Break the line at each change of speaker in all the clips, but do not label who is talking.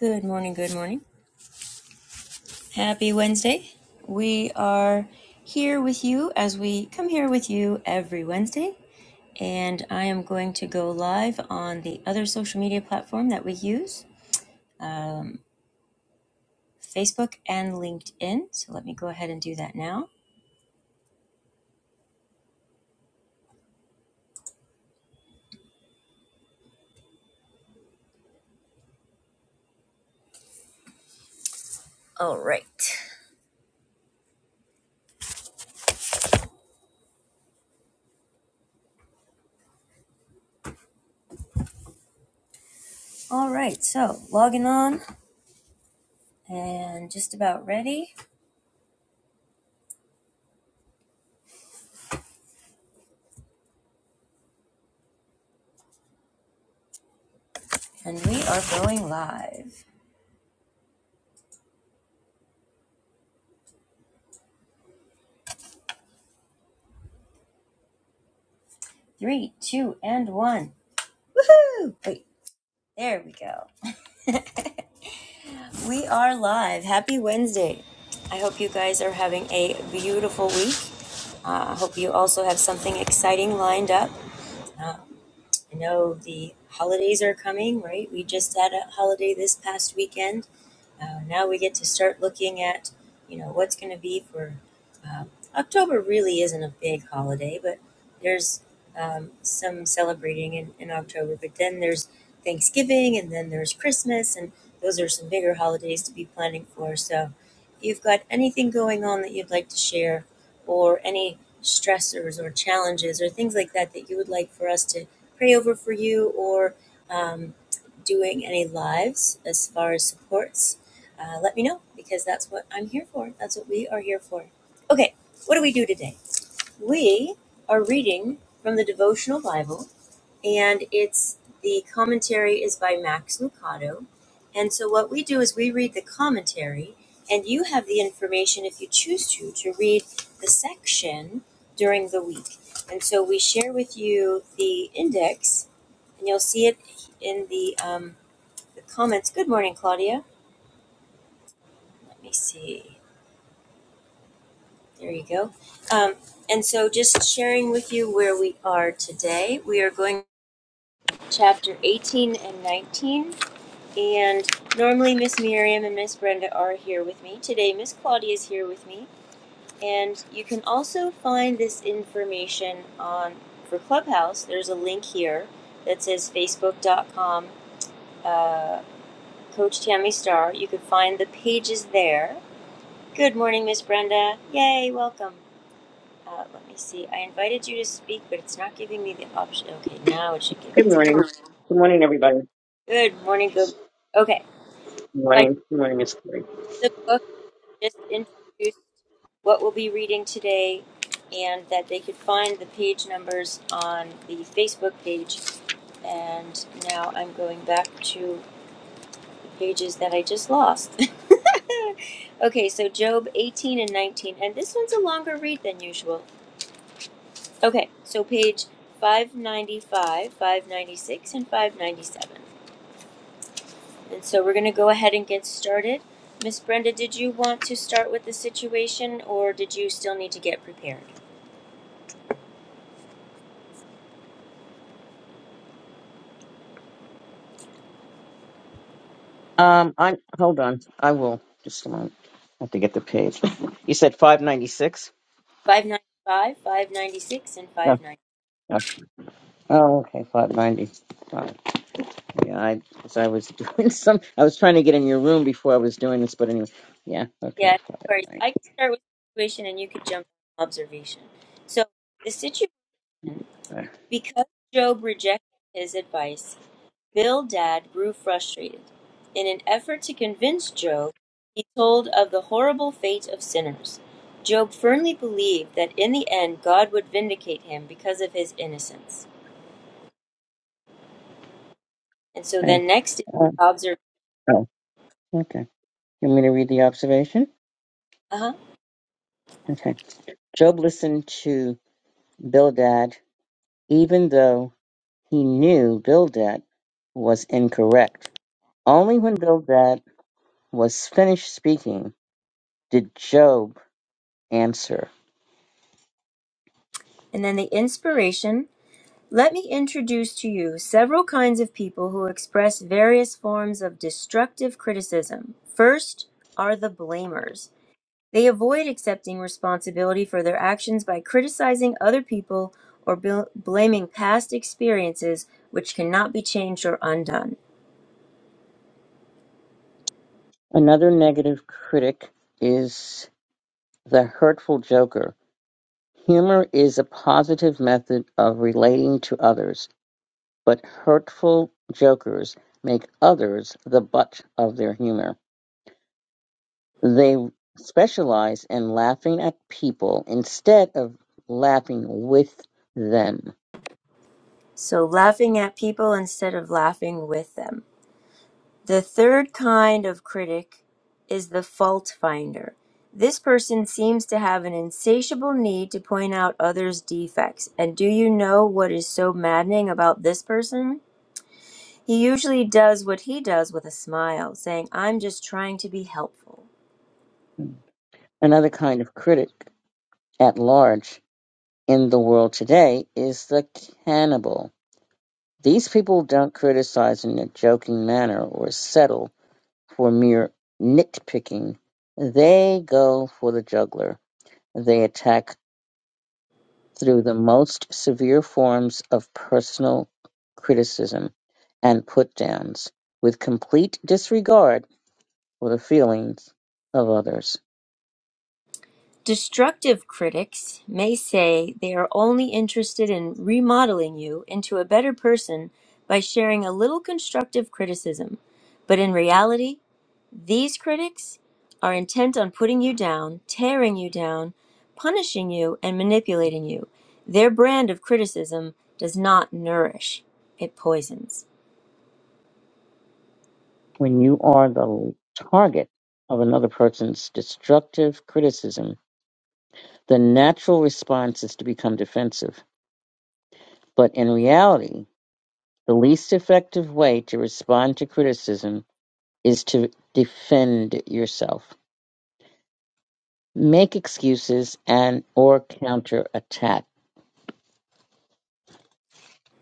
Good morning, good morning. Happy Wednesday. We are here with you as we come here with you every Wednesday. And I am going to go live on the other social media platform that we use Facebook and LinkedIn. So let me go ahead and do that now. All right. All right. So logging on and just about ready. And we are going live. Three, two, and one. Woohoo! Wait, there we go. We are live. Happy Wednesday. I hope you guys are having a beautiful week. Uh, I uh, hope you also have something exciting lined up. Uh, I know the holidays are coming, right? We just had a holiday this past weekend. Uh, now we get to start looking at, you know, what's going to be for uh, October. Really isn't a big holiday, but there's um, some celebrating in, in October. But then there's Thanksgiving, and then there's Christmas, and those are some bigger holidays to be planning for. So, if you've got anything going on that you'd like to share, or any stressors or challenges or things like that that you would like for us to pray over for you or doing any lives as far as supports, uh, let me know because that's what I'm here for. That's what we are here for. Okay, what do we do today? We are reading from the devotional Bible, and it's the commentary is by Max Lucado. And so, what we do is we read the commentary, and you have the information if you choose to to read the section during the week. And so, we share with you the index, and you'll see it in the um, the comments. Good morning, Claudia. Let me see. There you go. Um, and so, just sharing with you where we are today. We are going to chapter 18 and 19. And normally, Miss Miriam and Miss Brenda are here with me. Today, Miss Claudia is here with me. And you can also find this information on for Clubhouse. There's a link here that says facebook.com uh, Coach Tammy Star. You can find the pages there Good morning, Miss Brenda. Yay, welcome. Uh, let me see. I invited you to speak, but it's not giving me the option. Okay, now it should give
Good
me the
morning. Good morning, everybody.
Good morning, good morning. Okay, so
Good
I
morning. Good morning, Miss Terry.
did the book, just introduced what we'll be reading today, and that they could find the page numbers on the Facebook page. And now I'm going back to the pages that I just lost. okay, so Job 18 and 19, and this one's a longer read than usual. Okay, so page 595, 596, and 597. And so we're going to go ahead and get started. Miss Brenda, did you want to start with the situation or did you still need to get prepared?
Um, i hold on. I will just a moment. I have to get the page. You said five ninety six.
595, 596, and
No.
590.
no. Oh, okay, five ninety. five. Yeah, I because I was doing some. I was trying to get in your room before I was doing this, but anyway. Yeah.
Yeah,
Okay.
no worries.
Five
I can start with the situation and you could jump on observation. So the situation,
ninety.
because Job rejected his advice, Bildad grew frustrated. In an effort to convince Job, he told of the horrible fate of sinners. Job firmly believed that in the end God would vindicate him because of his innocence. And so
Okay.
then next is
Uh,
observation.
oh. Okay. You want me to read the observation?
Uh-huh.
Okay. Job listened to Bildad, even though he knew Bildad was incorrect. Only when Bildad was finished speaking did Job answer.
And then the inspiration. Let me introduce to you several kinds of people who express various forms of destructive criticism. First are the blamers. They avoid accepting responsibility for their actions by criticizing other people or bl- blaming past experiences which cannot be changed or undone.
Another negative critic is the hurtful joker. Humor is a positive method of relating to others, but hurtful jokers make others the butt of their humor. They specialize in laughing at people instead of laughing with them.
So, laughing at people instead of laughing with them. The third kind of critic is the fault finder. This person seems to have an insatiable need to point out others' defects. And do you know what is so maddening about this person? He usually does what he does with a smile, saying, I'm just trying to be helpful.
Another kind of critic at large in the world today is the cannibal. These people don't criticize in a joking manner or settle for mere nitpicking. They go for the juggler. They attack through the most severe forms of personal criticism and put downs with complete disregard for the feelings of others.
Destructive critics may say they are only interested in remodeling you into a better person by sharing a little constructive criticism. But in reality, these critics are intent on putting you down, tearing you down, punishing you, and manipulating you. Their brand of criticism does not nourish, it poisons.
When you are the target of another person's destructive criticism, The natural response is to become defensive. But in reality, the least effective way to respond to criticism is to defend yourself. Make excuses and or counterattack.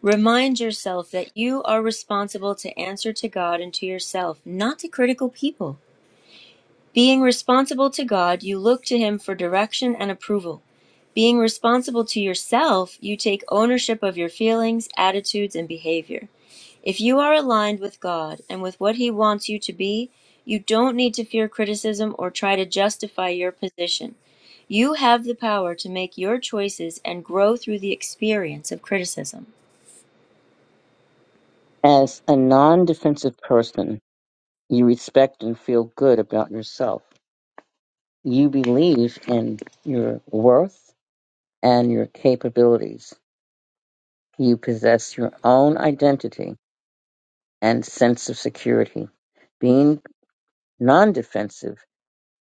Remind yourself that you are responsible to answer to God and to yourself, not to critical people. Being responsible to God, you look to Him for direction and approval. Being responsible to yourself, you take ownership of your feelings, attitudes, and behavior. If you are aligned with God and with what He wants you to be, you don't need to fear criticism or try to justify your position. You have the power to make your choices and grow through the experience of criticism.
As a non-defensive person, you respect and feel good about yourself. You believe in your worth and your capabilities. You possess your own identity and sense of security. Being non-defensive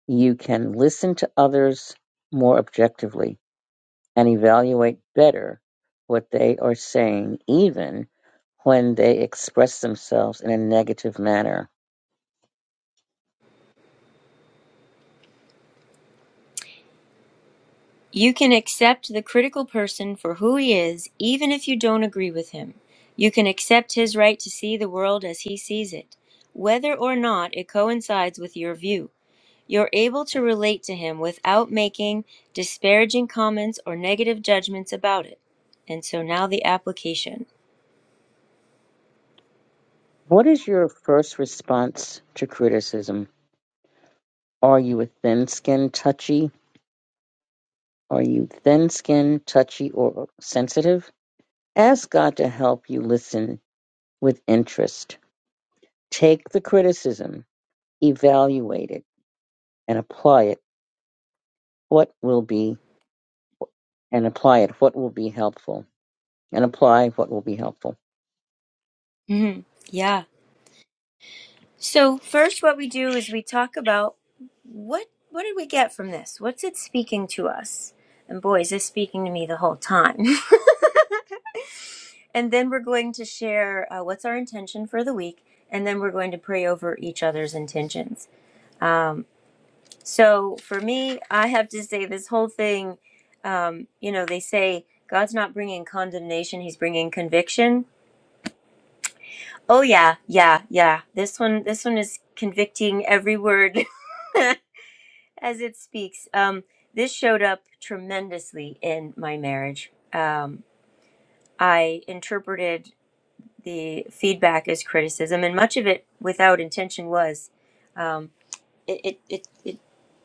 You can listen to others more objectively and evaluate better what they are saying, even when they express themselves in a negative manner.
You can accept the critical person for who he is, even if you don't agree with him. You can accept his right to see the world as he sees it, whether or not it coincides with your view. You're able to relate to him without making disparaging comments or negative judgments about it. And so now the application.
What is your first response to criticism? Are you a thin skinned touchy? Are you thin skinned, touchy, or sensitive? Ask God to help you listen with interest. Take the criticism, evaluate it, and apply it. What will be and apply it. What will be helpful? And apply what will be helpful.
Mhm. So first, what we do is we talk about what what did we get from this? What's it speaking to us? And boy, is this speaking to me the whole time. and then we're going to share uh, what's our intention for the week, and then we're going to pray over each other's intentions. So for me, I have to say this whole thing. Um, you know, they say God's not bringing condemnation; He's bringing conviction. Oh yeah, yeah, yeah. This one, this one is convicting every word as it speaks. Um, this showed up tremendously in my marriage. Um, I interpreted the feedback as criticism, and much of it, without intention, was. Um, it, it, it, it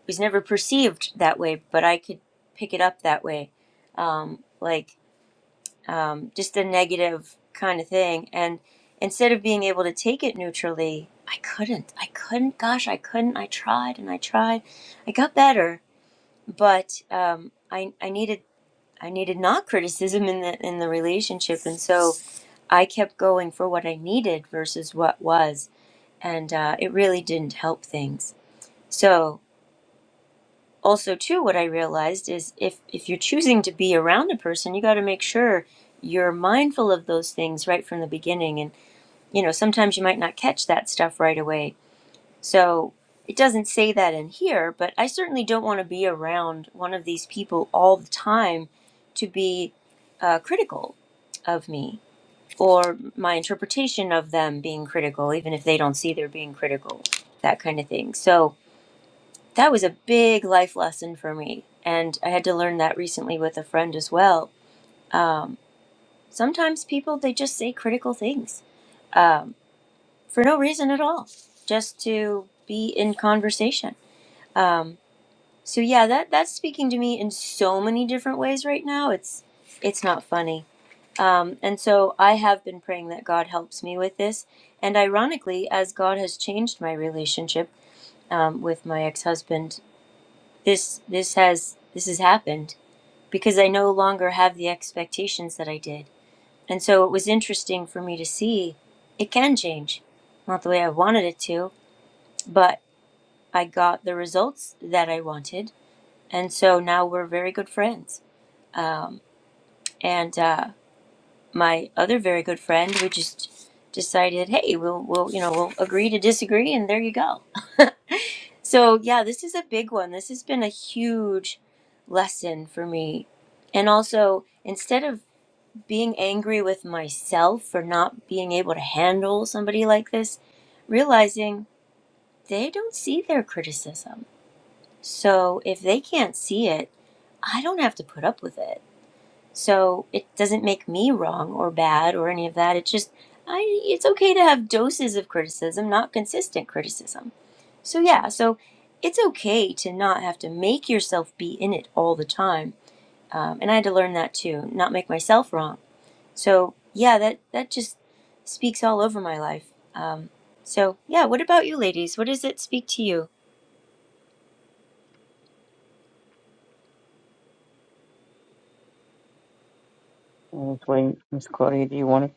was never perceived that way, but I could pick it up that way. Um, like um, just a negative kind of thing. And instead of being able to take it neutrally, I couldn't. I couldn't. Gosh, I couldn't. I tried and I tried. I got better but um, I I needed I needed not criticism in the in the relationship, and so I kept going for what I needed versus what was, and uh, it really didn't help things. So also too, what I realized is if if you're choosing to be around a person, you got to make sure you're mindful of those things right from the beginning, and you know sometimes you might not catch that stuff right away So it doesn't say that in here, but I certainly don't want to be around one of these people all the time to be uh, critical of me or my interpretation of them being critical, even if they don't see they're being critical, that kind of thing. So that was a big life lesson for me. And I had to learn that recently with a friend as well. Um, sometimes people, they just say critical things um, for no reason at all, just to be in conversation. Um, So yeah, that that's speaking to me in so many different ways right now. It's it's not funny. Um, and so I have been praying that God helps me with this. And ironically, as God has changed my relationship um, with my ex-husband, this this has this has happened because I no longer have the expectations that I did. And so it was interesting for me to see it can change, not the way I wanted it to, but I got the results that I wanted, and so now we're very good friends Um, and uh, my other very good friend, we just decided, hey, we'll, we'll, you know, we'll agree to disagree, and there you go. So yeah, this is a big one. This has been a huge lesson for me. And also, instead of being angry with myself for not being able to handle somebody like this, realizing they don't see their criticism. So if they can't see it, I don't have to put up with it So it doesn't make me wrong or bad or any of that. It's just I it's okay to have doses of criticism, not consistent criticism. So yeah, so it's okay to not have to make yourself be in it all the time. Um, and I had to learn that too, not make myself wrong. So yeah, that that just speaks all over my life. Um, so yeah, what about you, ladies? What does it speak to you?
And wait, Miss Claudia, do you want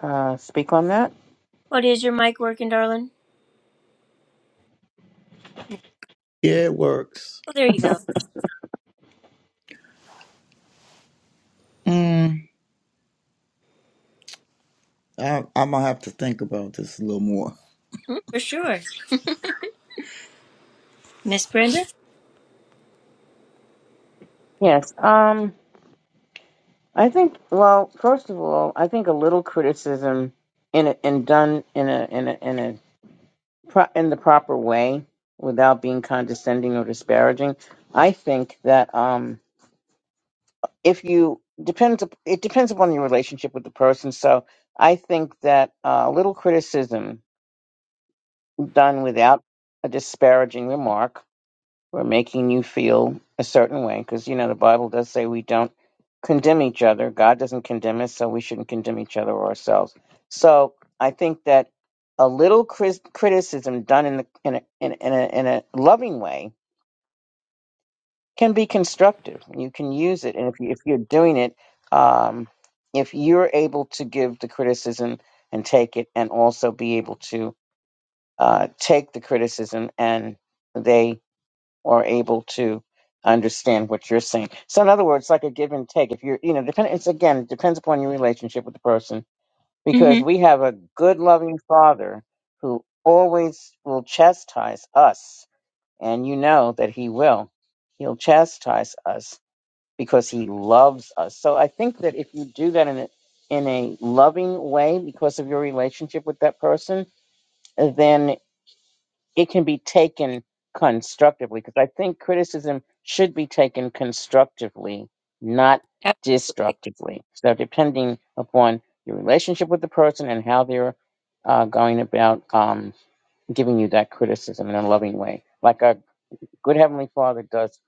to uh, speak on that?
What is your mic working, darling?
Yeah, it works.
Oh, there you go.
Mm, I, I'm gonna have to think about this a little more.
Mm, for sure, Miss Brenda.
Yes. Um. I think. Well, first of all, I think a little criticism, in a, and done in a in a in a pro- in the proper way, without being condescending or disparaging. I think that um, if you depends up- it depends upon your relationship with the person. So I think that uh, a little criticism done without a disparaging remark who are making you feel a certain way. Because, you know, the Bible does say we don't condemn each other. God doesn't condemn us, so we shouldn't condemn each other or ourselves. So I think that a little cris- criticism done in, the, in, a, in, a, in, a, in a loving way can be constructive. You can use it. And if, you, if you're doing it, um, if you're able to give the criticism and take it, and also be able to uh, take the criticism and they or able to understand what you're saying. So in other words, like a give and take. If you're, you know, depend. It's again it depends upon your relationship with the person because
Mm-hmm.
we have a good, loving father who always will chastise us, and you know that he will. He'll chastise us because he loves us. So I think that if you do that in a in a loving way because of your relationship with that person, then it can be taken constructively because I think criticism should be taken constructively, not destructively. So, depending upon your relationship with the person and how they're uh, going about um, giving you that criticism in a loving way, like our good Heavenly Father does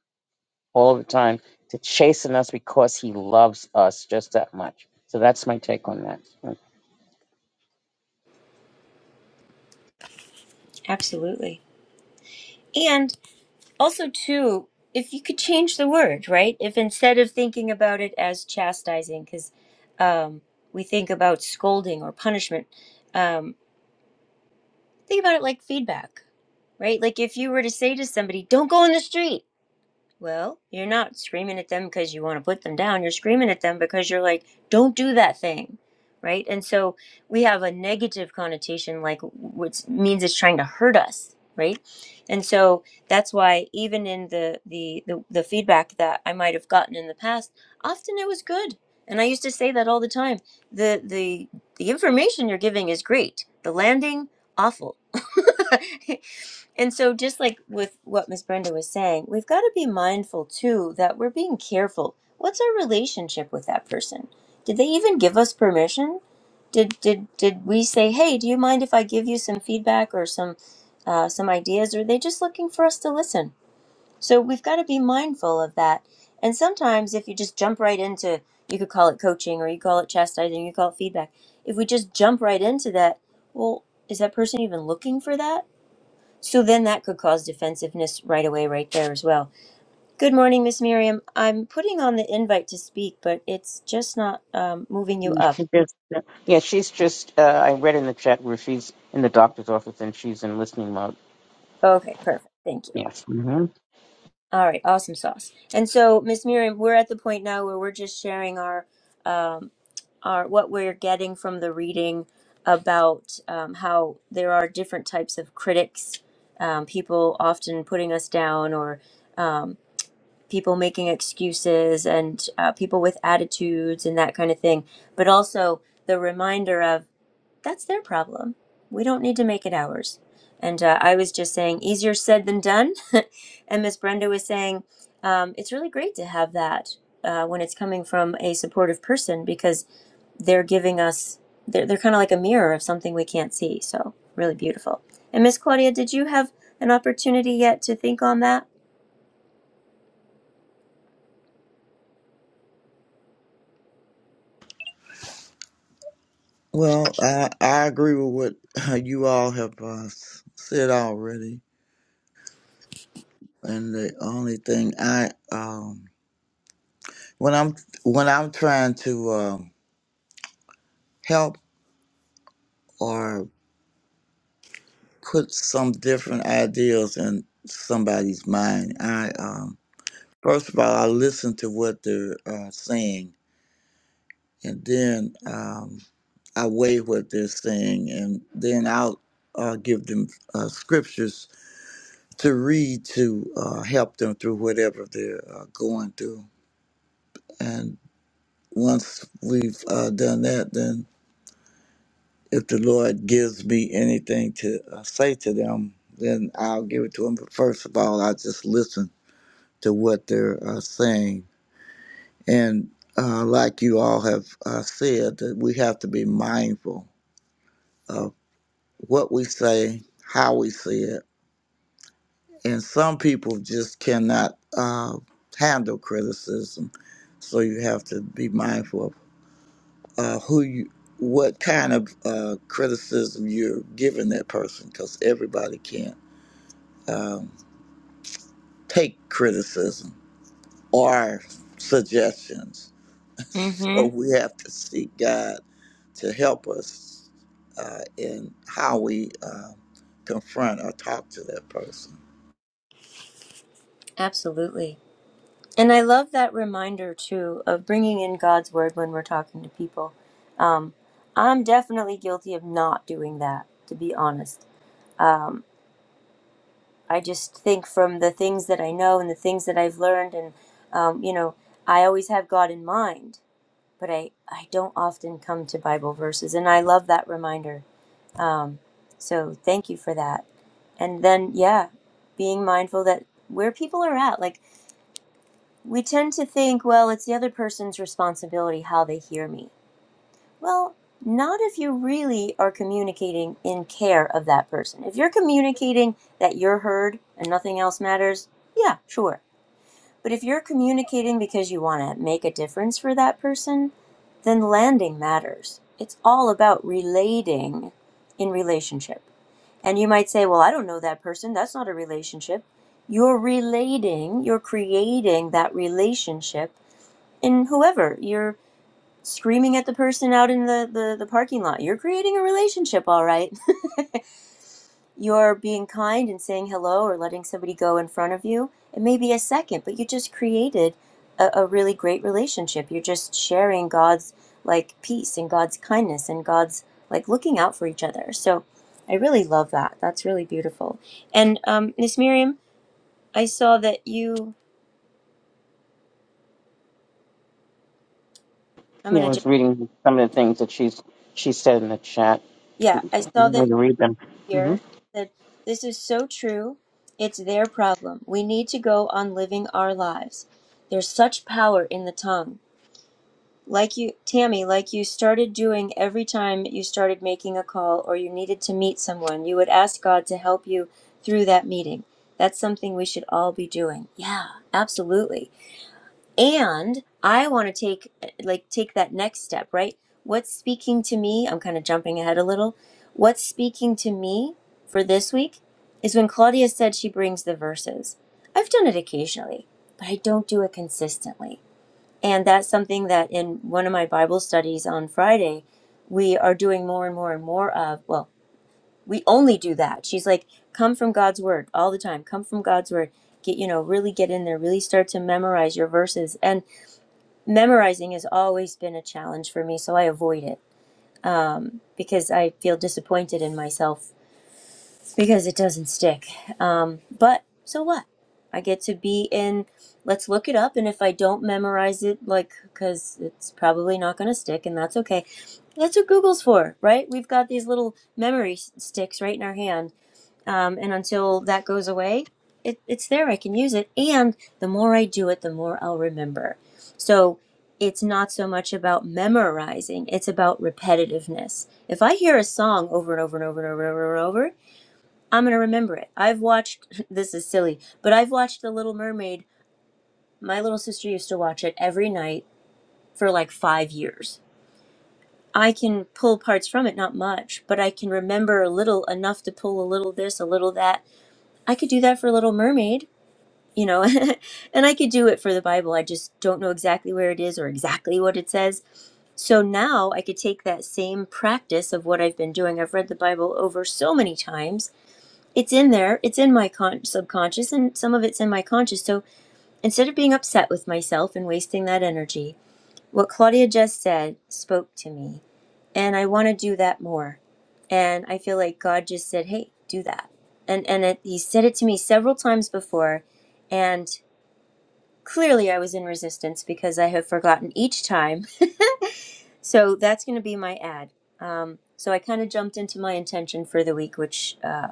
all the time to chasten us because He loves us just that much. So, that's my take on that.
Absolutely. And also, too, if you could change the word, right? If instead of thinking about it as chastising, because um, we think about scolding or punishment, um, think about it like feedback, right? Like if you were to say to somebody, don't go in the street, Well, you're not screaming at them because you want to put them down. You're screaming at them because you're like, don't do that thing. Right. And so we have a negative connotation, like, which means it's trying to hurt us. Right. And so that's why even in the, the, the, the feedback that I might have gotten in the past, often it was good. And I used to say that all the time. The, the, the information you're giving is great. The landing, awful. And so, just like with what Miss Brenda was saying, we've got to be mindful too that we're being careful. What's our relationship with that person? Did they even give us permission? Did did did we say, "Hey, do you mind if I give you some feedback or some uh, some ideas?" Or are they just looking for us to listen? So we've got to be mindful of that. And sometimes, if you just jump right into, you could call it coaching, or you call it chastising, you call it feedback. If we just jump right into that, well, is that person even looking for that? So then that could cause defensiveness right away, right there as well. Good morning, Miss Miriam. I'm putting on the invite to speak, but it's just not um, moving you
Yeah,
up.
she just- yeah, she's just. Uh, I read in the chat where she's in the doctor's office and she's in listening mode.
Okay, perfect. Thank you.
Yes. hmm
All right, awesome sauce. And so, Miss Miriam, we're at the point now where we're just sharing our, um, our what we're getting from the reading about um, how there are different types of critics, um, people often putting us down or. um, people making excuses and uh, people with attitudes and that kind of thing, but also the reminder of that's their problem. We don't need to make it ours. And uh, I was just saying, easier said than done. and Miss Brenda was saying, um, it's really great to have that uh, when it's coming from a supportive person because they're giving us, they're, they're kind of like a mirror of something we can't see. So, really beautiful. And Miss Claudia, did you have an opportunity yet to think on that?
Well, I, I agree with what uh, you all have uh, s- said already, and the only thing I um, when I'm when I'm trying to uh, help or put some different ideas in somebody's mind, I um, first of all I listen to what they're uh, saying and then um, I weigh what they're saying, and then I'll uh, give them uh, scriptures to read to uh, help them through whatever they're uh, going through. And once we've uh, done that, then if the Lord gives me anything to uh, say to them, then I'll give it to them. But first of all, I just listen to what they're uh, saying. And uh, like you all have uh, said, that we have to be mindful what we say, how we say it. And some people just cannot uh, handle criticism. So you have to be mindful of uh, who you, what kind of uh, criticism you're giving that person, because everybody can't um, take criticism or suggestions. So
Mm-hmm.
we have to seek God to help us uh, in how we uh, confront or talk to that person.
Absolutely. And I love that reminder too of bringing in God's word when we're talking to people. Um, I'm definitely guilty of not doing that, to be honest. Um, I just think from the things that I know and the things that I've learned, and um, you know, I always have God in mind, but I I don't often come to Bible verses, and I love that reminder. Um, so thank you for that. And then yeah, being mindful that where people are at, like We tend to think, well, it's the other person's responsibility how they hear me. Well, not if you really are communicating in care of that person. If you're communicating that you're heard and nothing else matters, yeah, sure. But if you're communicating because you want to make a difference for that person, then landing matters. It's all about relating in relationship. And you might say, well, I don't know that person. That's not a relationship. You're relating, you're creating that relationship and whoever you're screaming at the person out in the, the, the parking lot you're creating a relationship all right you're being kind and saying hello or letting somebody go in front of you it may be a second but you just created a, a really great relationship you're just sharing god's like peace and god's kindness and god's like looking out for each other so i really love that that's really beautiful and um miss miriam i saw that you i'm
Yeah,
gonna
I
just
was reading some of the things that she's she said in the chat.
yeah i
You
saw that
want me to read them? hmm
here that this is so true. It's their problem. We need to go on living our lives. There's such power in the tongue. Like you, Tammy, like you started doing every time you started making a call or you needed to meet someone, you would ask God to help you through that meeting. That's something we should all be doing. Yeah, absolutely and i want to take like take that next step right what's speaking to me i'm kind of jumping ahead a little what's speaking to me for this week is when claudia said she brings the verses i've done it occasionally but i don't do it consistently and that's something that in one of my bible studies on friday we are doing more and more and more of well we only do that she's like come from god's word all the time come from god's word get you know really get in there really start to memorize your verses and memorizing has always been a challenge for me, so I avoid it um, because I feel disappointed in myself because it doesn't stick. Um, but so what? I get to be in, let's look it up, and if I don't memorize it, like, because it's probably not going to stick, and that's okay. That's what Google's for, right? We've got these little memory s- sticks right in our hand um, and until that goes away, it, it's there. I can use it, and the more I do it, the more I'll remember. So it's not so much about memorizing; it's about repetitiveness. If I hear a song over and over and over and over and over, and over I'm gonna remember it. I've watched this is silly, but I've watched The Little Mermaid. My little sister used to watch it every night for like five years. I can pull parts from it, not much, but I can remember a little enough to pull a little this, a little that. I could do that for Little Mermaid you know and i could do it for the bible i just don't know exactly where it is or exactly what it says so now i could take that same practice of what i've been doing i've read the bible over so many times it's in there it's in my con- subconscious and some of it's in my conscious so instead of being upset with myself and wasting that energy what claudia just said spoke to me and i want to do that more and i feel like god just said hey do that and and it, he said it to me several times before and Clearly, I was in resistance because I have forgotten each time. So that's going to be my ad. Um, so I kind of jumped into my intention for the week, which, uh,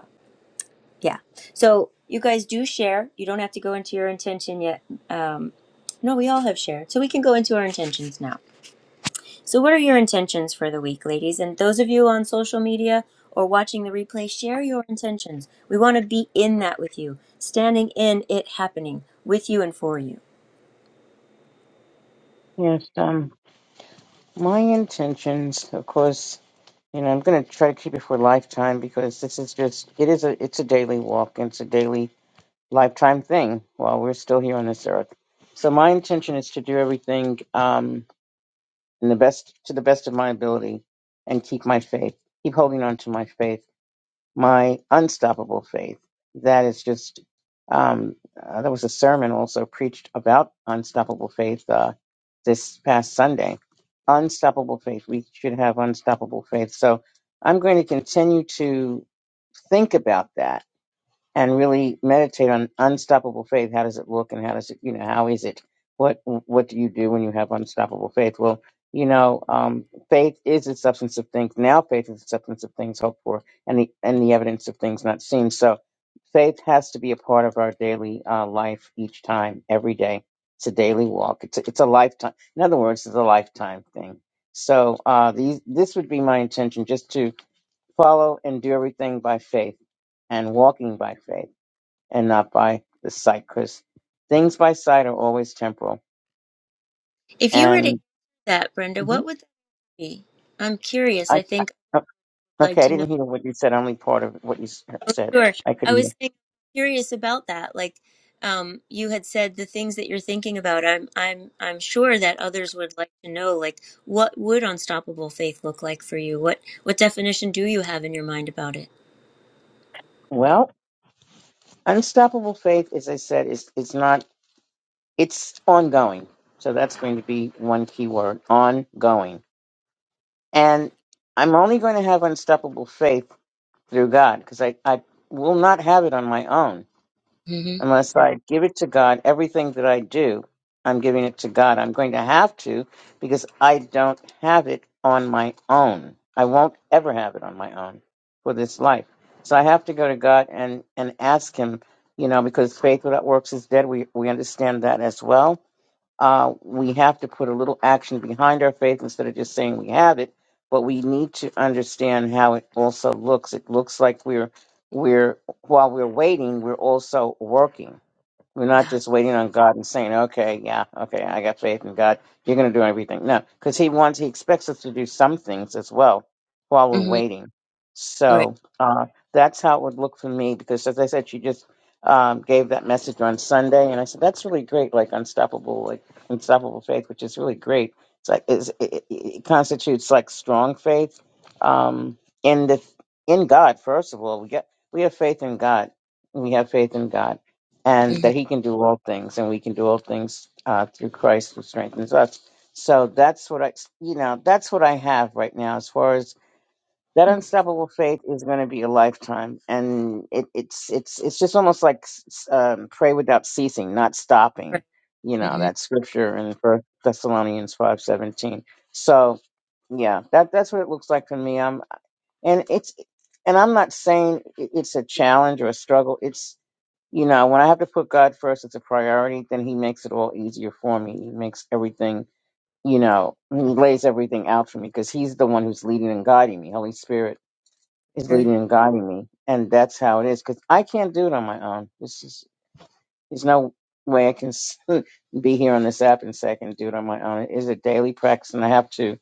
yeah. So you guys do share. You don't have to go into your intention yet. Um, no, we all have shared. So we can go into our intentions now. So, what are your intentions for the week, ladies? And those of you on social media or watching the replay, share your intentions. We want to be in that with you, standing in it happening with you and for you.
Yes. Um, my intentions, of course. You know, I'm going to try to keep it for a lifetime because this is just. It is a. It's a daily walk. And it's a daily lifetime thing while we're still here on this earth. So my intention is to do everything. Um, in the best to the best of my ability and keep my faith keep holding on to my faith my unstoppable faith that is just um uh, there was a sermon also preached about unstoppable faith uh this past sunday unstoppable faith we should have unstoppable faith so i'm going to continue to think about that and really meditate on unstoppable faith. How does it look, and how does it, you know, how is it? What what do you do when you have unstoppable faith? Well, you know, um, faith is the substance of things. Now, faith is the substance of things hoped for, and the and the evidence of things not seen. So, faith has to be a part of our daily uh, life each time, every day. It's a daily walk. It's a, it's a lifetime. In other words, it's a lifetime thing. So, uh, these this would be my intention, just to follow and do everything by faith and walking by faith and not by the sight, because things by sight are always temporal.
If you were to
And
that, Brenda,
Mhm.
what would be? I'm curious.
I,
I
I-
think
oh,
I'd like
okay, I
to know.
didn't hear what you said, only part of what you s- uh,
Oh,
said.
sure.
I could
I
hear.
was think- curious about that. Like, um, you had said the things that you're thinking about. I'm, I'm, I'm sure that others would like to know. Like, what would unstoppable faith look like for you? What, what definition do you have in your mind about it?
Well, unstoppable faith, as I said, is it's not, it's ongoing. So that's going to be one key word, ongoing. And I'm only going to have unstoppable faith through God, because I, I will not have it on my own
hmm
unless I give it to God. Everything that I do, I'm giving it to God. I'm going to have to because I don't have it on my own. I won't ever have it on my own for this life. So I have to go to God and, and ask Him, you know, because faith without works is dead. We, we understand that as well. Uh, we have to put a little action behind our faith instead of just saying we have it. But we need to understand how it also looks. It looks like we're we're while we're waiting, we're also working we're not
Yeah.
just waiting on God and saying, okay, yeah, okay, I got faith in God. You're going to do everything. No, because He wants, He expects us to do some things as well while we're
hmm
waiting.
Right.
So uh, that's how it would look for me because, as I said, she just um, gave that message on Sunday. And I said, that's really great, like unstoppable, like unstoppable faith, which is really great. It's like, it's, it, it it constitutes like strong faith um, in the in God, first of all. We, get, we have faith in God. We have faith in God and
hmm
that he can do all things and we can do all things uh, through christ who strengthens us so that's what i you know that's what i have right now as far as that unstoppable faith is going to be a lifetime and it, it's it's it's just almost like s- s- um, pray without ceasing not stopping
Right.
you know
hmm
that scripture in first thessalonians 5.17 so yeah that that's what it looks like for me i'm and it's and i'm not saying it- it's a challenge or a struggle it's you know, when I have to put God first as a priority, then He makes it all easier for me. He makes everything, you know, He lays everything out for me because He's the one who's leading and guiding me. Holy Spirit is
Sure.
leading and guiding me, and that's how it is. Because I can't do it on my own. This is there's no way I can s- be here on this app and say I can do it on my own. It is a daily practice, and I have to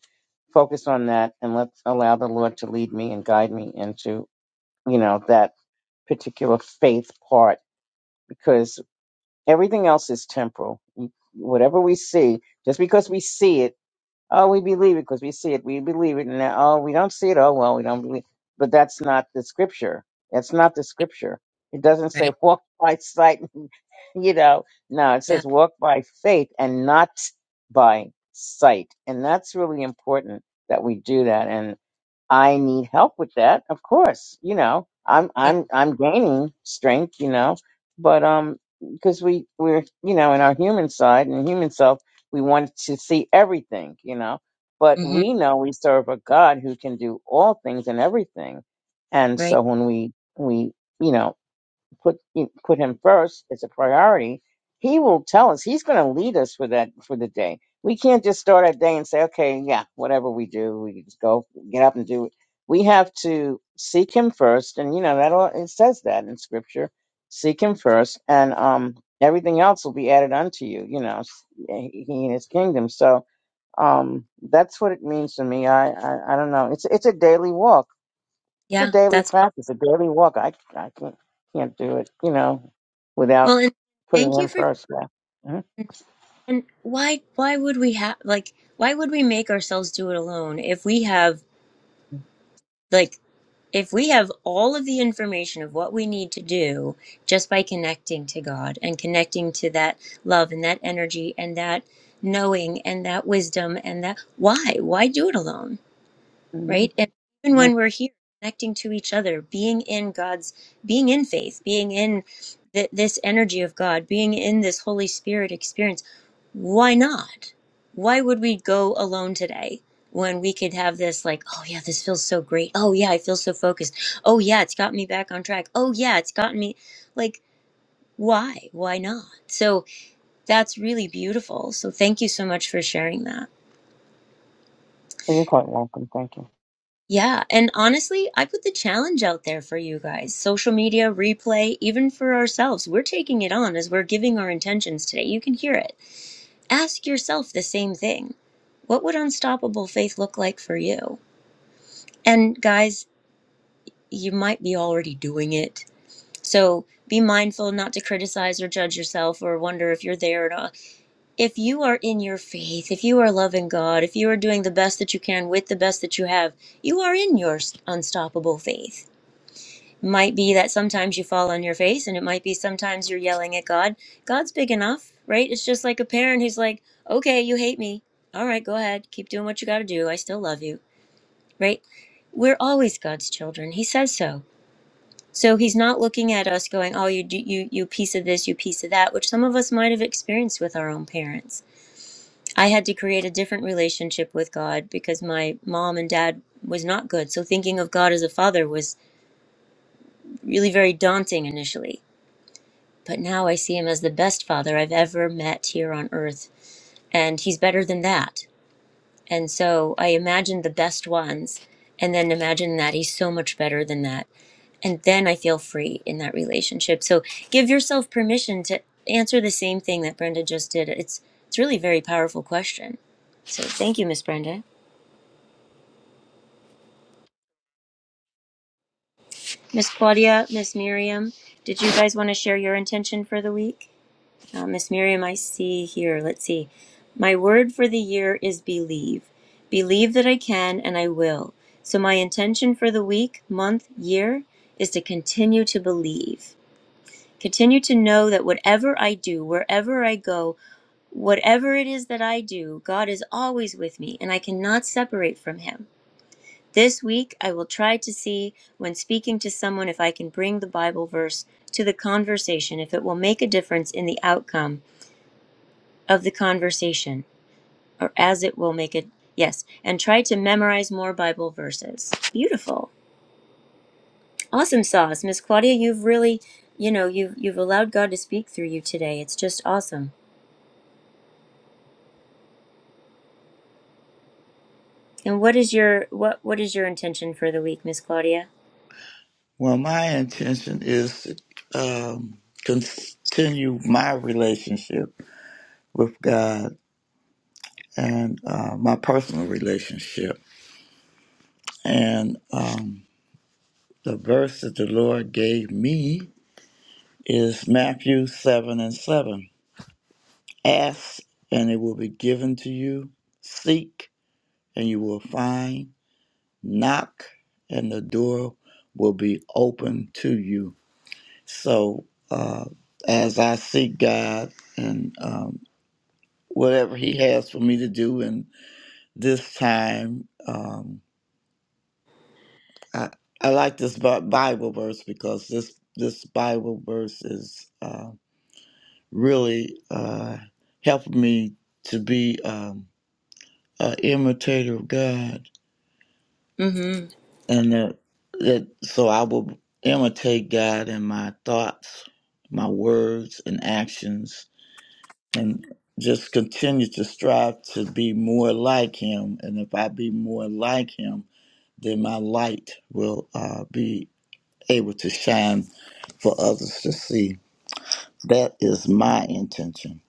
focus on that and let allow the Lord to lead me and guide me into, you know, that particular faith part because Everything else is temporal. Whatever we see, just because we see it, oh, we believe it because we see it, we believe it, and now, oh, we don't see it, oh, well, we don't believe. But that's not the scripture. That's not the
Right.
scripture. It doesn't say
Right.
walk by sight, you know. No, it
Yeah.
says walk by faith and not by sight, and that's really important that we do that. I need help with that, of course. You know, I'm
Yeah.
I'm I'm gaining strength, you know, but um because we we're you know in our human side and human self, we want to see everything, you know. But
hmm
we know we serve a God who can do all things and everything, and
Right.
so when we we you know put put him first as a priority, he will tell us. He's going to lead us for that for the day. We can't just start our day and say, "Okay, yeah, whatever we do, we just go get up and do it." We have to seek him first, and you know that all, it says that in scripture. Seek him first, and um, everything else will be added unto you. You know, s- eh, he and his kingdom. So um, that's what it means to me. I, I I don't know. It's it's a daily walk it's a
Yeah.
daily
That's awesome.
practice, a daily walk. I I can't can't do it, you know, without
Well, and
putting
thank
in
you for.
first. Yeah. Mm-hmm.
And why why would we have like why would we make ourselves do it alone if we have like if we have all of the information of what we need to do just by connecting to God and connecting to that love and that energy and that knowing and that wisdom and that why why do it alone?
Mm-hmm.
right? And even
Mm-hmm.
when we're here connecting to each other, being in God's, being in faith, being in th- this energy of God, being in this Holy Spirit experience, why not? Why would we go alone today when we could have this, like, oh yeah, this feels so great. Oh yeah, I feel so focused. Oh yeah, it's got me back on track. Oh yeah, it's gotten me like, why? Why not? So that's really beautiful. So thank you so much for sharing that.
Well, You're quite welcome. Thank you.
Yeah, and honestly, I put the challenge out there for you guys. Social media, replay, even for ourselves. We're taking it on as we're giving our intentions today. You can hear it. Ask yourself the same thing. What would unstoppable faith look like for you? And guys, you might be already doing it. So be mindful not to criticize or judge yourself or wonder if you're there or not. If you are in your faith, if you are loving God, if you are doing the best that you can with the best that you have, you are in your unstoppable faith might be that sometimes you fall on your face and it might be sometimes you're yelling at god god's big enough right it's just like a parent who's like okay you hate me all right go ahead keep doing what you got to do i still love you right we're always god's children he says so so he's not looking at us going oh you do you you piece of this you piece of that which some of us might have experienced with our own parents i had to create a different relationship with god because my mom and dad was not good so thinking of god as a father was really very daunting initially But now I see him as the best father I've ever met here on earth. And he's better than that. And so I imagine the best ones and then imagine that he's so much better than that. And then I feel free in that relationship. So give yourself permission to answer the same thing that Brenda just did. It's it's really a very powerful question. So thank you, Miss Brenda. Miss Claudia, Miss Miriam, did you guys want to share your intention for the week? Uh, Miss Miriam, I see here. Let's see. My word for the year is believe. Believe that I can and I will. So, my intention for the week, month, year is to continue to believe. Continue to know that whatever I do, wherever I go, whatever it is that I do, God is always with me and I cannot separate from Him. This week, I will try to see when speaking to someone if I can bring the Bible verse to the conversation, if it will make a difference in the outcome of the conversation, or as it will make it. Yes, and try to memorize more Bible verses. Beautiful, awesome sauce, Miss Claudia. You've really, you know, you've you've allowed God to speak through you today. It's just awesome. And what is your what what is your intention for the week, Miss Claudia?
Well, my intention is to um, continue my relationship with God and uh, my personal relationship. And um, the verse that the Lord gave me is Matthew 7 and 7. Ask, and it will be given to you. Seek, and you will find. Knock, and the door will be open to you. So, uh, as I seek God, and um, whatever he has for me to do in this time. Um, I I like this Bi- Bible verse because this this Bible verse is uh, really uh, helping me to be um, an imitator of God,
Mm-hmm.
and that that so I will imitate God in my thoughts, my words, and actions, and just continue to strive to be more like Him. And if I be more like Him then my light will uh, be able to shine for others to see. That is my intention.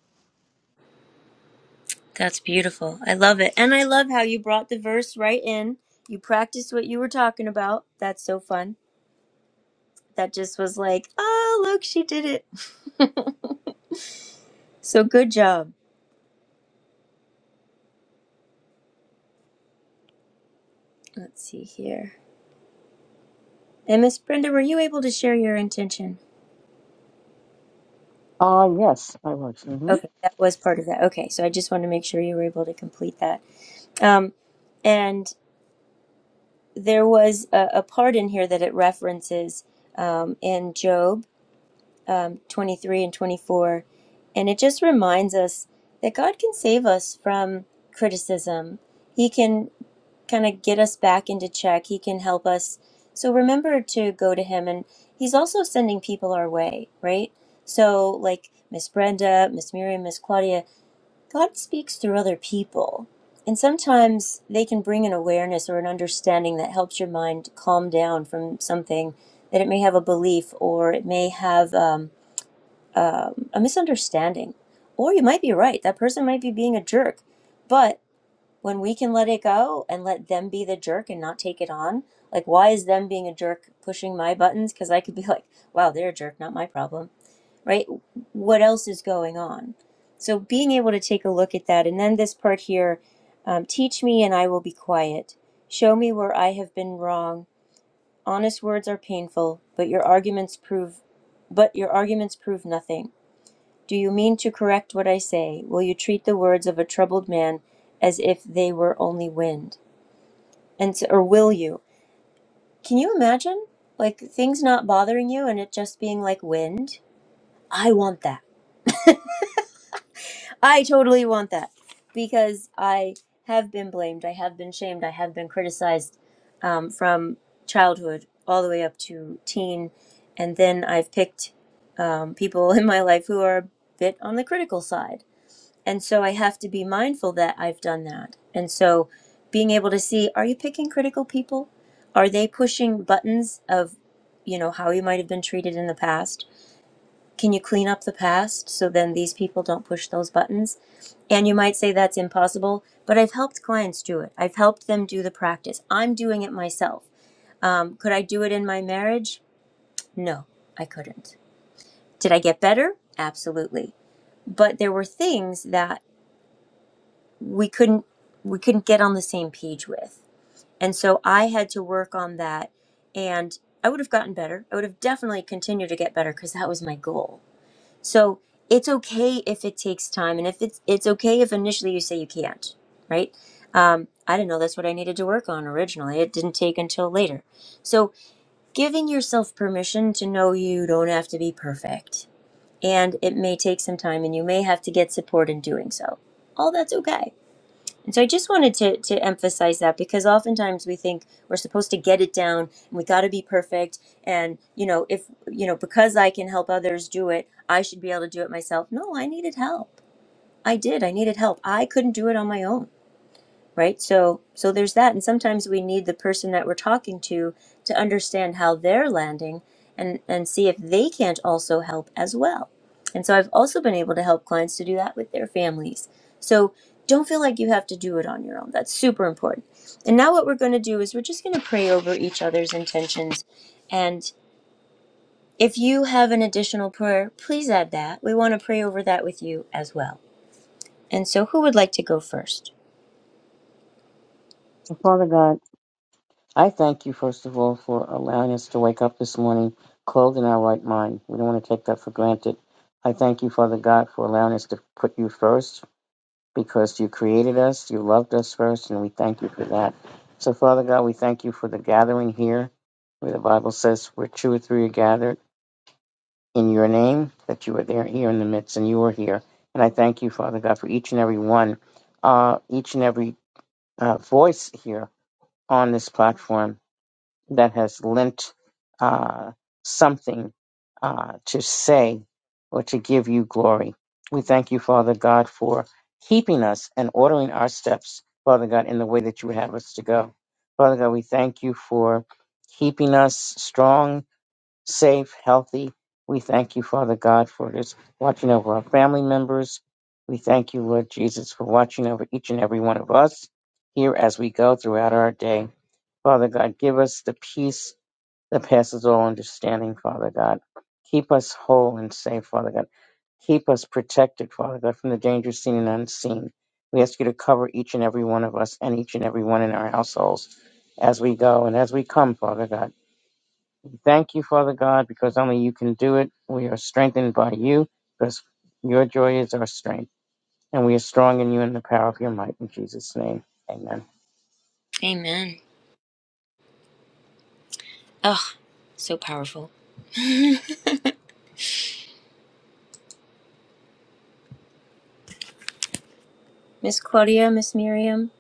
That's beautiful. I love it, and I love how you brought the verse right in. You practiced what you were talking about. That's so fun. That just was like, oh look, she did it. so good job. Let's see here. And Miss Brenda, were you able to share your intention?
Ah, yes, I was. hmm
Okay, that was part of that. Okay, so I just wanted to make sure you were able to complete that. Um, and there was a, a part in here that it references um, in Job um, 23 and 24, and it just reminds us that God can save us from criticism. He can kind of get us back into check. He can help us. So remember to go to him. And he's also sending people our way, right? So, like Miss Brenda, Miss Miriam, Miss Claudia, God speaks through other people. And sometimes they can bring an awareness or an understanding that helps your mind calm down from something that it may have a belief or it may have um, um, a misunderstanding. Or you might be right. That person might be being a jerk. But when we can let it go and let them be the jerk and not take it on like why is them being a jerk pushing my buttons because i could be like wow they're a jerk not my problem right what else is going on so being able to take a look at that and then this part here um, teach me and i will be quiet show me where i have been wrong honest words are painful but your arguments prove but your arguments prove nothing do you mean to correct what I say? Will you treat the words of a troubled man as if they were only wind? And s or will you? Can you imagine? Like things not bothering you and it just being like wind? I want that. I totally want that because I have been blamed. I have been shamed. I have been criticized um, from childhood all the way up to teen. And then I've picked um, people in my life who are a bit on the critical side And so I have to be mindful that I've done that. And so being able to see are you picking critical people? Are they pushing buttons of, you know, how you might have been treated in the past? Can you clean up the past so then these people don't push those buttons? And you might say that's impossible, but I've helped clients do it. I've helped them do the practice. I'm doing it myself. Um, could I do it in my marriage? No, I couldn't. Did I get better? Absolutely. But there were things that we couldn't we couldn't get on the same page with. And so I had to work on that and I would have gotten better. I would have definitely continued to get better cuz that was my goal. So it's okay if it takes time and if it's it's okay if initially you say you can't, right? Um, I didn't know that's what I needed to work on originally. It didn't take until later. So giving yourself permission to know you don't have to be perfect and it may take some time and you may have to get support in doing so. All that's okay and so I just wanted to to emphasize that because oftentimes we think we're supposed to get it down and we got to be perfect and you know if you know because I can help others do it, I should be able to do it myself. No, I needed help. I did. I needed help. I couldn't do it on my own right so so there's that and sometimes we need the person that we're talking to to understand how they're landing and and see if they can't also help as well and so i've also been able to help clients to do that with their families so don't feel like you have to do it on your own that's super important and now what we're going to do is we're just going to pray over each other's intentions and if you have an additional prayer please add that we want to pray over that with you as well and so who would like to go first
So, Father God, I thank you, first of all, for allowing us to wake up this morning clothed in our right mind. We don't want to take that for granted. I thank you, Father God, for allowing us to put you first because you created us, you loved us first, and we thank you for that. So, Father God, we thank you for the gathering here, where the Bible says, where two or three are gathered in your name, that you are there here in the midst, and you are here. And I thank you, Father God, for each and every one, uh, each and every uh, voice here on this platform that has lent uh, something uh, to say or to give you glory. We thank you, Father God, for keeping us and ordering our steps, Father God, in the way that you would have us to go. Father God, we thank you for keeping us strong, safe, healthy. We thank you, Father God, for just watching over our family members. We thank you, Lord Jesus, for watching over each and every one of us here as we go throughout our day. Father God, give us the peace that passes all understanding, Father God. Keep us whole and safe, Father God. Keep us protected, Father God, from the dangers seen and unseen. We ask you to cover each and every one of us and each and every one in our households as we go and as we come, Father God. We Thank you, Father God, because only you can do it. We are strengthened by you because your joy is our strength. And we are strong in you and the power of your might. In Jesus' name, amen.
amen oh so powerful Miss Claudia, Miss Miriam.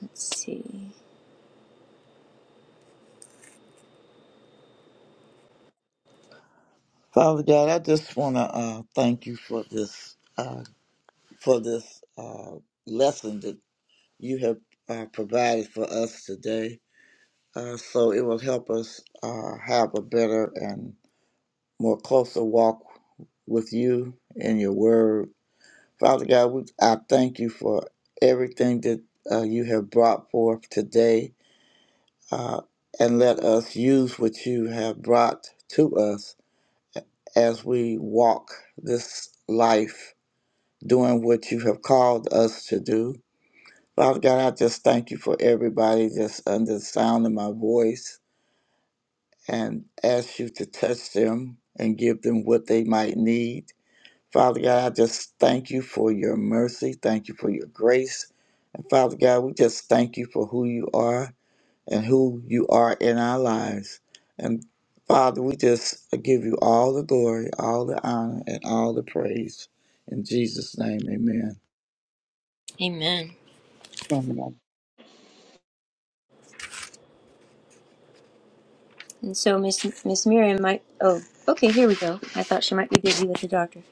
Let's see.
Father God, I just want to uh, thank you for this uh, for this uh, lesson that you have uh, provided for us today. Uh, so it will help us uh, have a better and more closer walk with you and your word. Father God, we, I thank you for everything that uh, you have brought forth today uh, and let us use what you have brought to us as we walk this life doing what you have called us to do. Father God, I just thank you for everybody that's under the sound of my voice and ask you to touch them and give them what they might need. Father God, I just thank you for your mercy. Thank you for your grace. And Father God, we just thank you for who you are. and who you are in our lives. And Father, we just give you all the glory, all the honor, and all the praise. In Jesus' name, amen.
Amen.
Amen.
And so Miss Miss Miriam might oh, okay, here we go. I thought she might be busy with the doctor.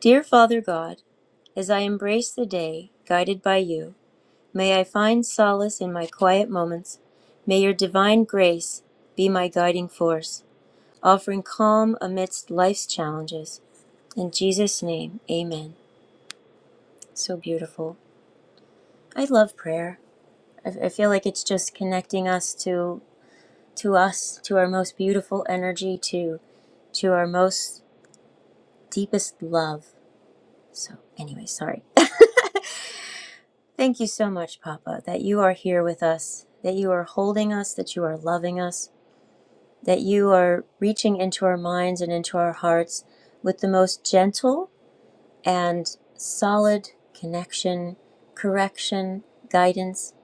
Dear Father God, as I embrace the day, guided by you, may I find solace in my quiet moments. May your divine grace be my guiding force, offering calm amidst life's challenges. In Jesus' name, amen. So beautiful. I love prayer. I, I feel like it's just connecting us to to us, to our most beautiful energy, to to our most deepest love. So, anyway, sorry. Thank you so much, Papa, that you are here with us, that you are holding us, that you are loving us, that you are reaching into our minds and into our hearts with the most gentle and solid connection, correction, guidance,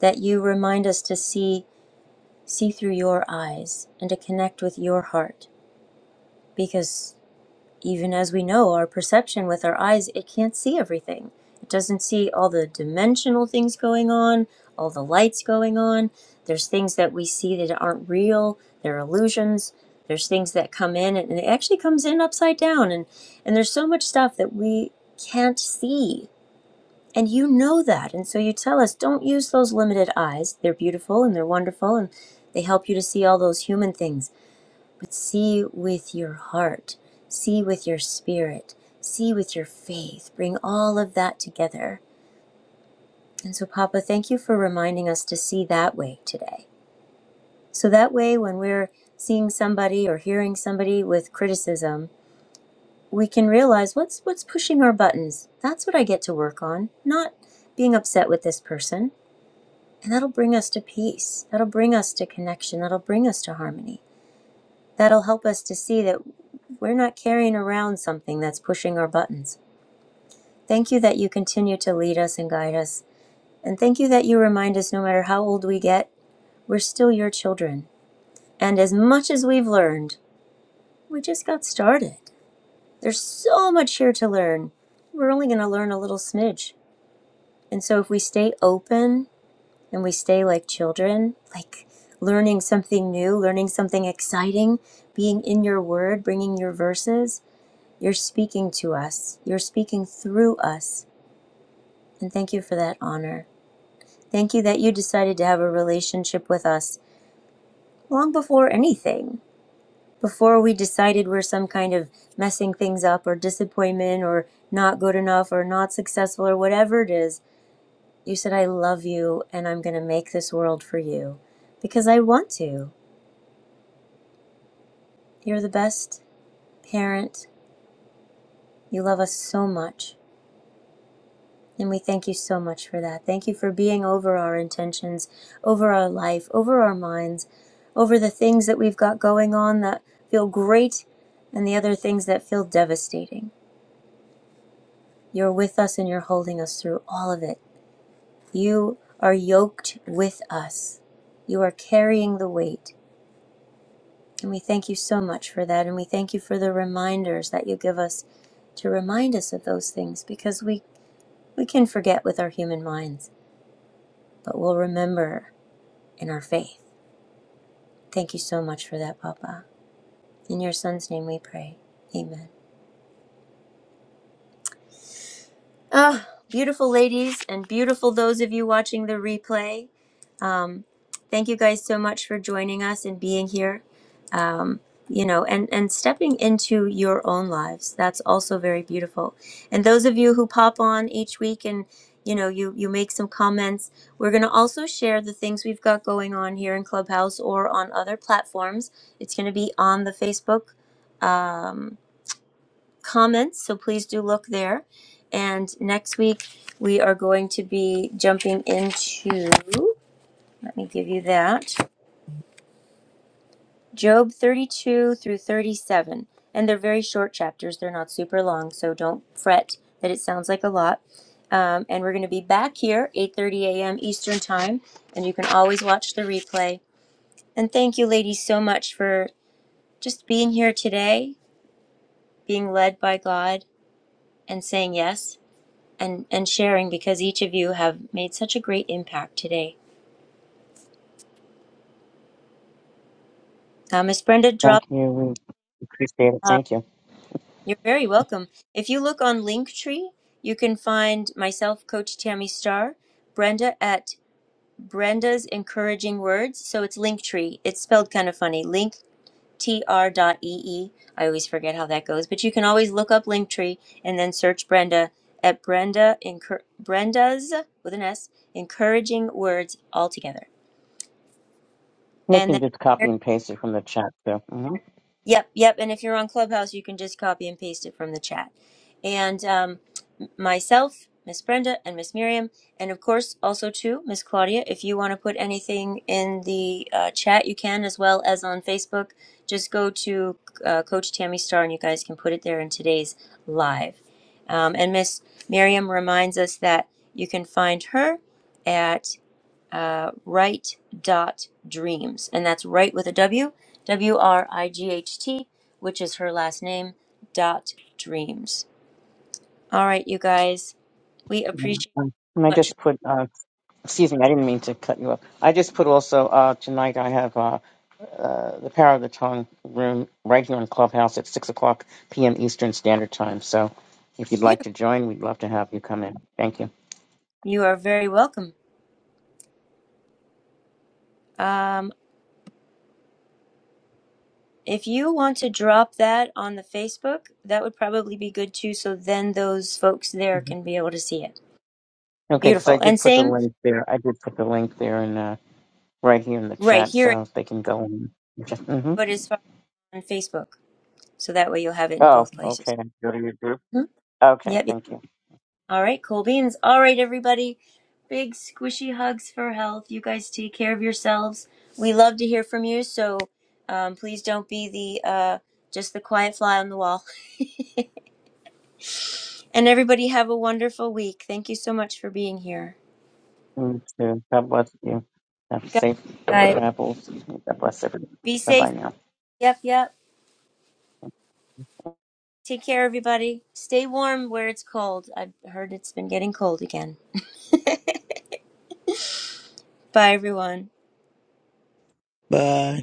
that you remind us to see see through your eyes and to connect with your heart because even as we know our perception with our eyes it can't see everything it doesn't see all the dimensional things going on all the lights going on there's things that we see that aren't real they're illusions there's things that come in and it actually comes in upside down and and there's so much stuff that we can't see and you know that and so you tell us don't use those limited eyes they're beautiful and they're wonderful and they help you to see all those human things but see with your heart, see with your spirit, see with your faith. Bring all of that together. And so, Papa, thank you for reminding us to see that way today. So that way, when we're seeing somebody or hearing somebody with criticism, we can realize what's what's pushing our buttons. That's what I get to work on, not being upset with this person. And that'll bring us to peace. That'll bring us to connection. That'll bring us to harmony. That'll help us to see that we're not carrying around something that's pushing our buttons. Thank you that you continue to lead us and guide us. And thank you that you remind us no matter how old we get, we're still your children. And as much as we've learned, we just got started. There's so much here to learn. We're only going to learn a little smidge. And so if we stay open and we stay like children, like learning something new, learning something exciting, being in your word, bringing your verses, You're speaking to us, you're speaking through us. And thank you for that honor. Thank you that you decided to have a relationship with us long before anything, before we decided we're some kind of messing things up or disappointment or not good enough or not successful or whatever it is. You said, I love you and I'm going to make this world for you because I want to. You're the best parent. You love us so much. And we thank you so much for that. Thank you for being over our intentions, over our life, over our minds, over the things that we've got going on that feel great and the other things that feel devastating. You're with us and you're holding us through all of it. You are yoked with us. You are carrying the weight. And we thank you so much for that. And we thank you for the reminders that you give us to remind us of those things because we, we can forget with our human minds, but we'll remember In our faith. Thank you so much for that, Papa. In your son's name we pray. Amen. Ah, beautiful ladies and beautiful those of you watching the replay. Um, thank you guys so much for joining us and being here. Um, you know, and and stepping into your own lives. That's also very beautiful. And those of you who pop on each week and you know, you you make some comments. We're going to also share the things we've got going on here in Clubhouse or on other platforms. It's going to be on the Facebook um, comments, so please do look there. And next week, we are going to be jumping into, let me give you that, Job 32 through 37. And they're very short chapters, they're not super long, so don't fret that it sounds like a lot. Um, and we're going to be back here 8.30 a.m eastern time and you can always watch the replay and thank you ladies so much for just being here today being led by god and saying yes and, and sharing because each of you have made such a great impact today. Uh, Miss Brenda
Thank
dropped,
you. We appreciate it.
uh,
Thank you.
you're very welcome. If you look on Linktree, you can find myself, Coach Tammy Starr, Brenda at Brenda's Encouraging Words. So it's Linktree. It's spelled kind of funny, linktr dot E E. I always forget how that goes, but you can always look up Linktree and then search Brenda at Brenda Encour- Brenda's with an S, Encouraging Words altogether.
They
And
can
then
just copy and paste it from the chat, too. hmm
Yep, yep. And if you're on Clubhouse, you can just copy and paste it from the chat. And um, m- myself, Miss Brenda, and Miss Miriam, and of course also too Miss Claudia. If you want to put anything in the uh, chat, you can, as well as on Facebook. Just go to uh, Coach Tammy Star, and you guys can put it there in today's live. Um, and Miss Miriam reminds us that you can find her at uh, right dot dreams and that's right with a w w r i g h t which is her last name dot dreams all right you guys we appreciate
And I
so much
just put, uh, excuse me, I didn't mean to cut you off. I just put also, uh, tonight I have uh, uh, the Power of the Tongue room right here in Clubhouse at 6 o'clock p.m. Eastern Standard Time. So if you'd
you
like to join, we'd love to have you come in. Thank you.
you are very welcome um if you want to drop that on the facebook that would probably be good too so then those folks there
Mhm.
can be able to see it
Okay, because I
beautiful
did
and
put the
same
link there. I did put the link there and uh, right here in the
right
chat
here
so they can go in. hmm
but as far on facebook so that way you'll have it in
Oh,
both places
okay. Go to your group.
Mhm.
Okay,
Yep,
thank you.
All right, cool beans. All right, everybody. Big squishy hugs for health. You guys take care of yourselves. We love to hear from you, so um, please don't be the uh, just the quiet fly on the wall. And everybody have a wonderful week. Thank you so much for being here.
Mm, too. God bless you. Have
God
safe
bless you guys,
travels. God bless everyone.
be
Bye bye
safe.
now.
Yep, yep. Take care, everybody. Stay warm where it's cold. I've heard it's been getting cold again. Bye, everyone.
Bye.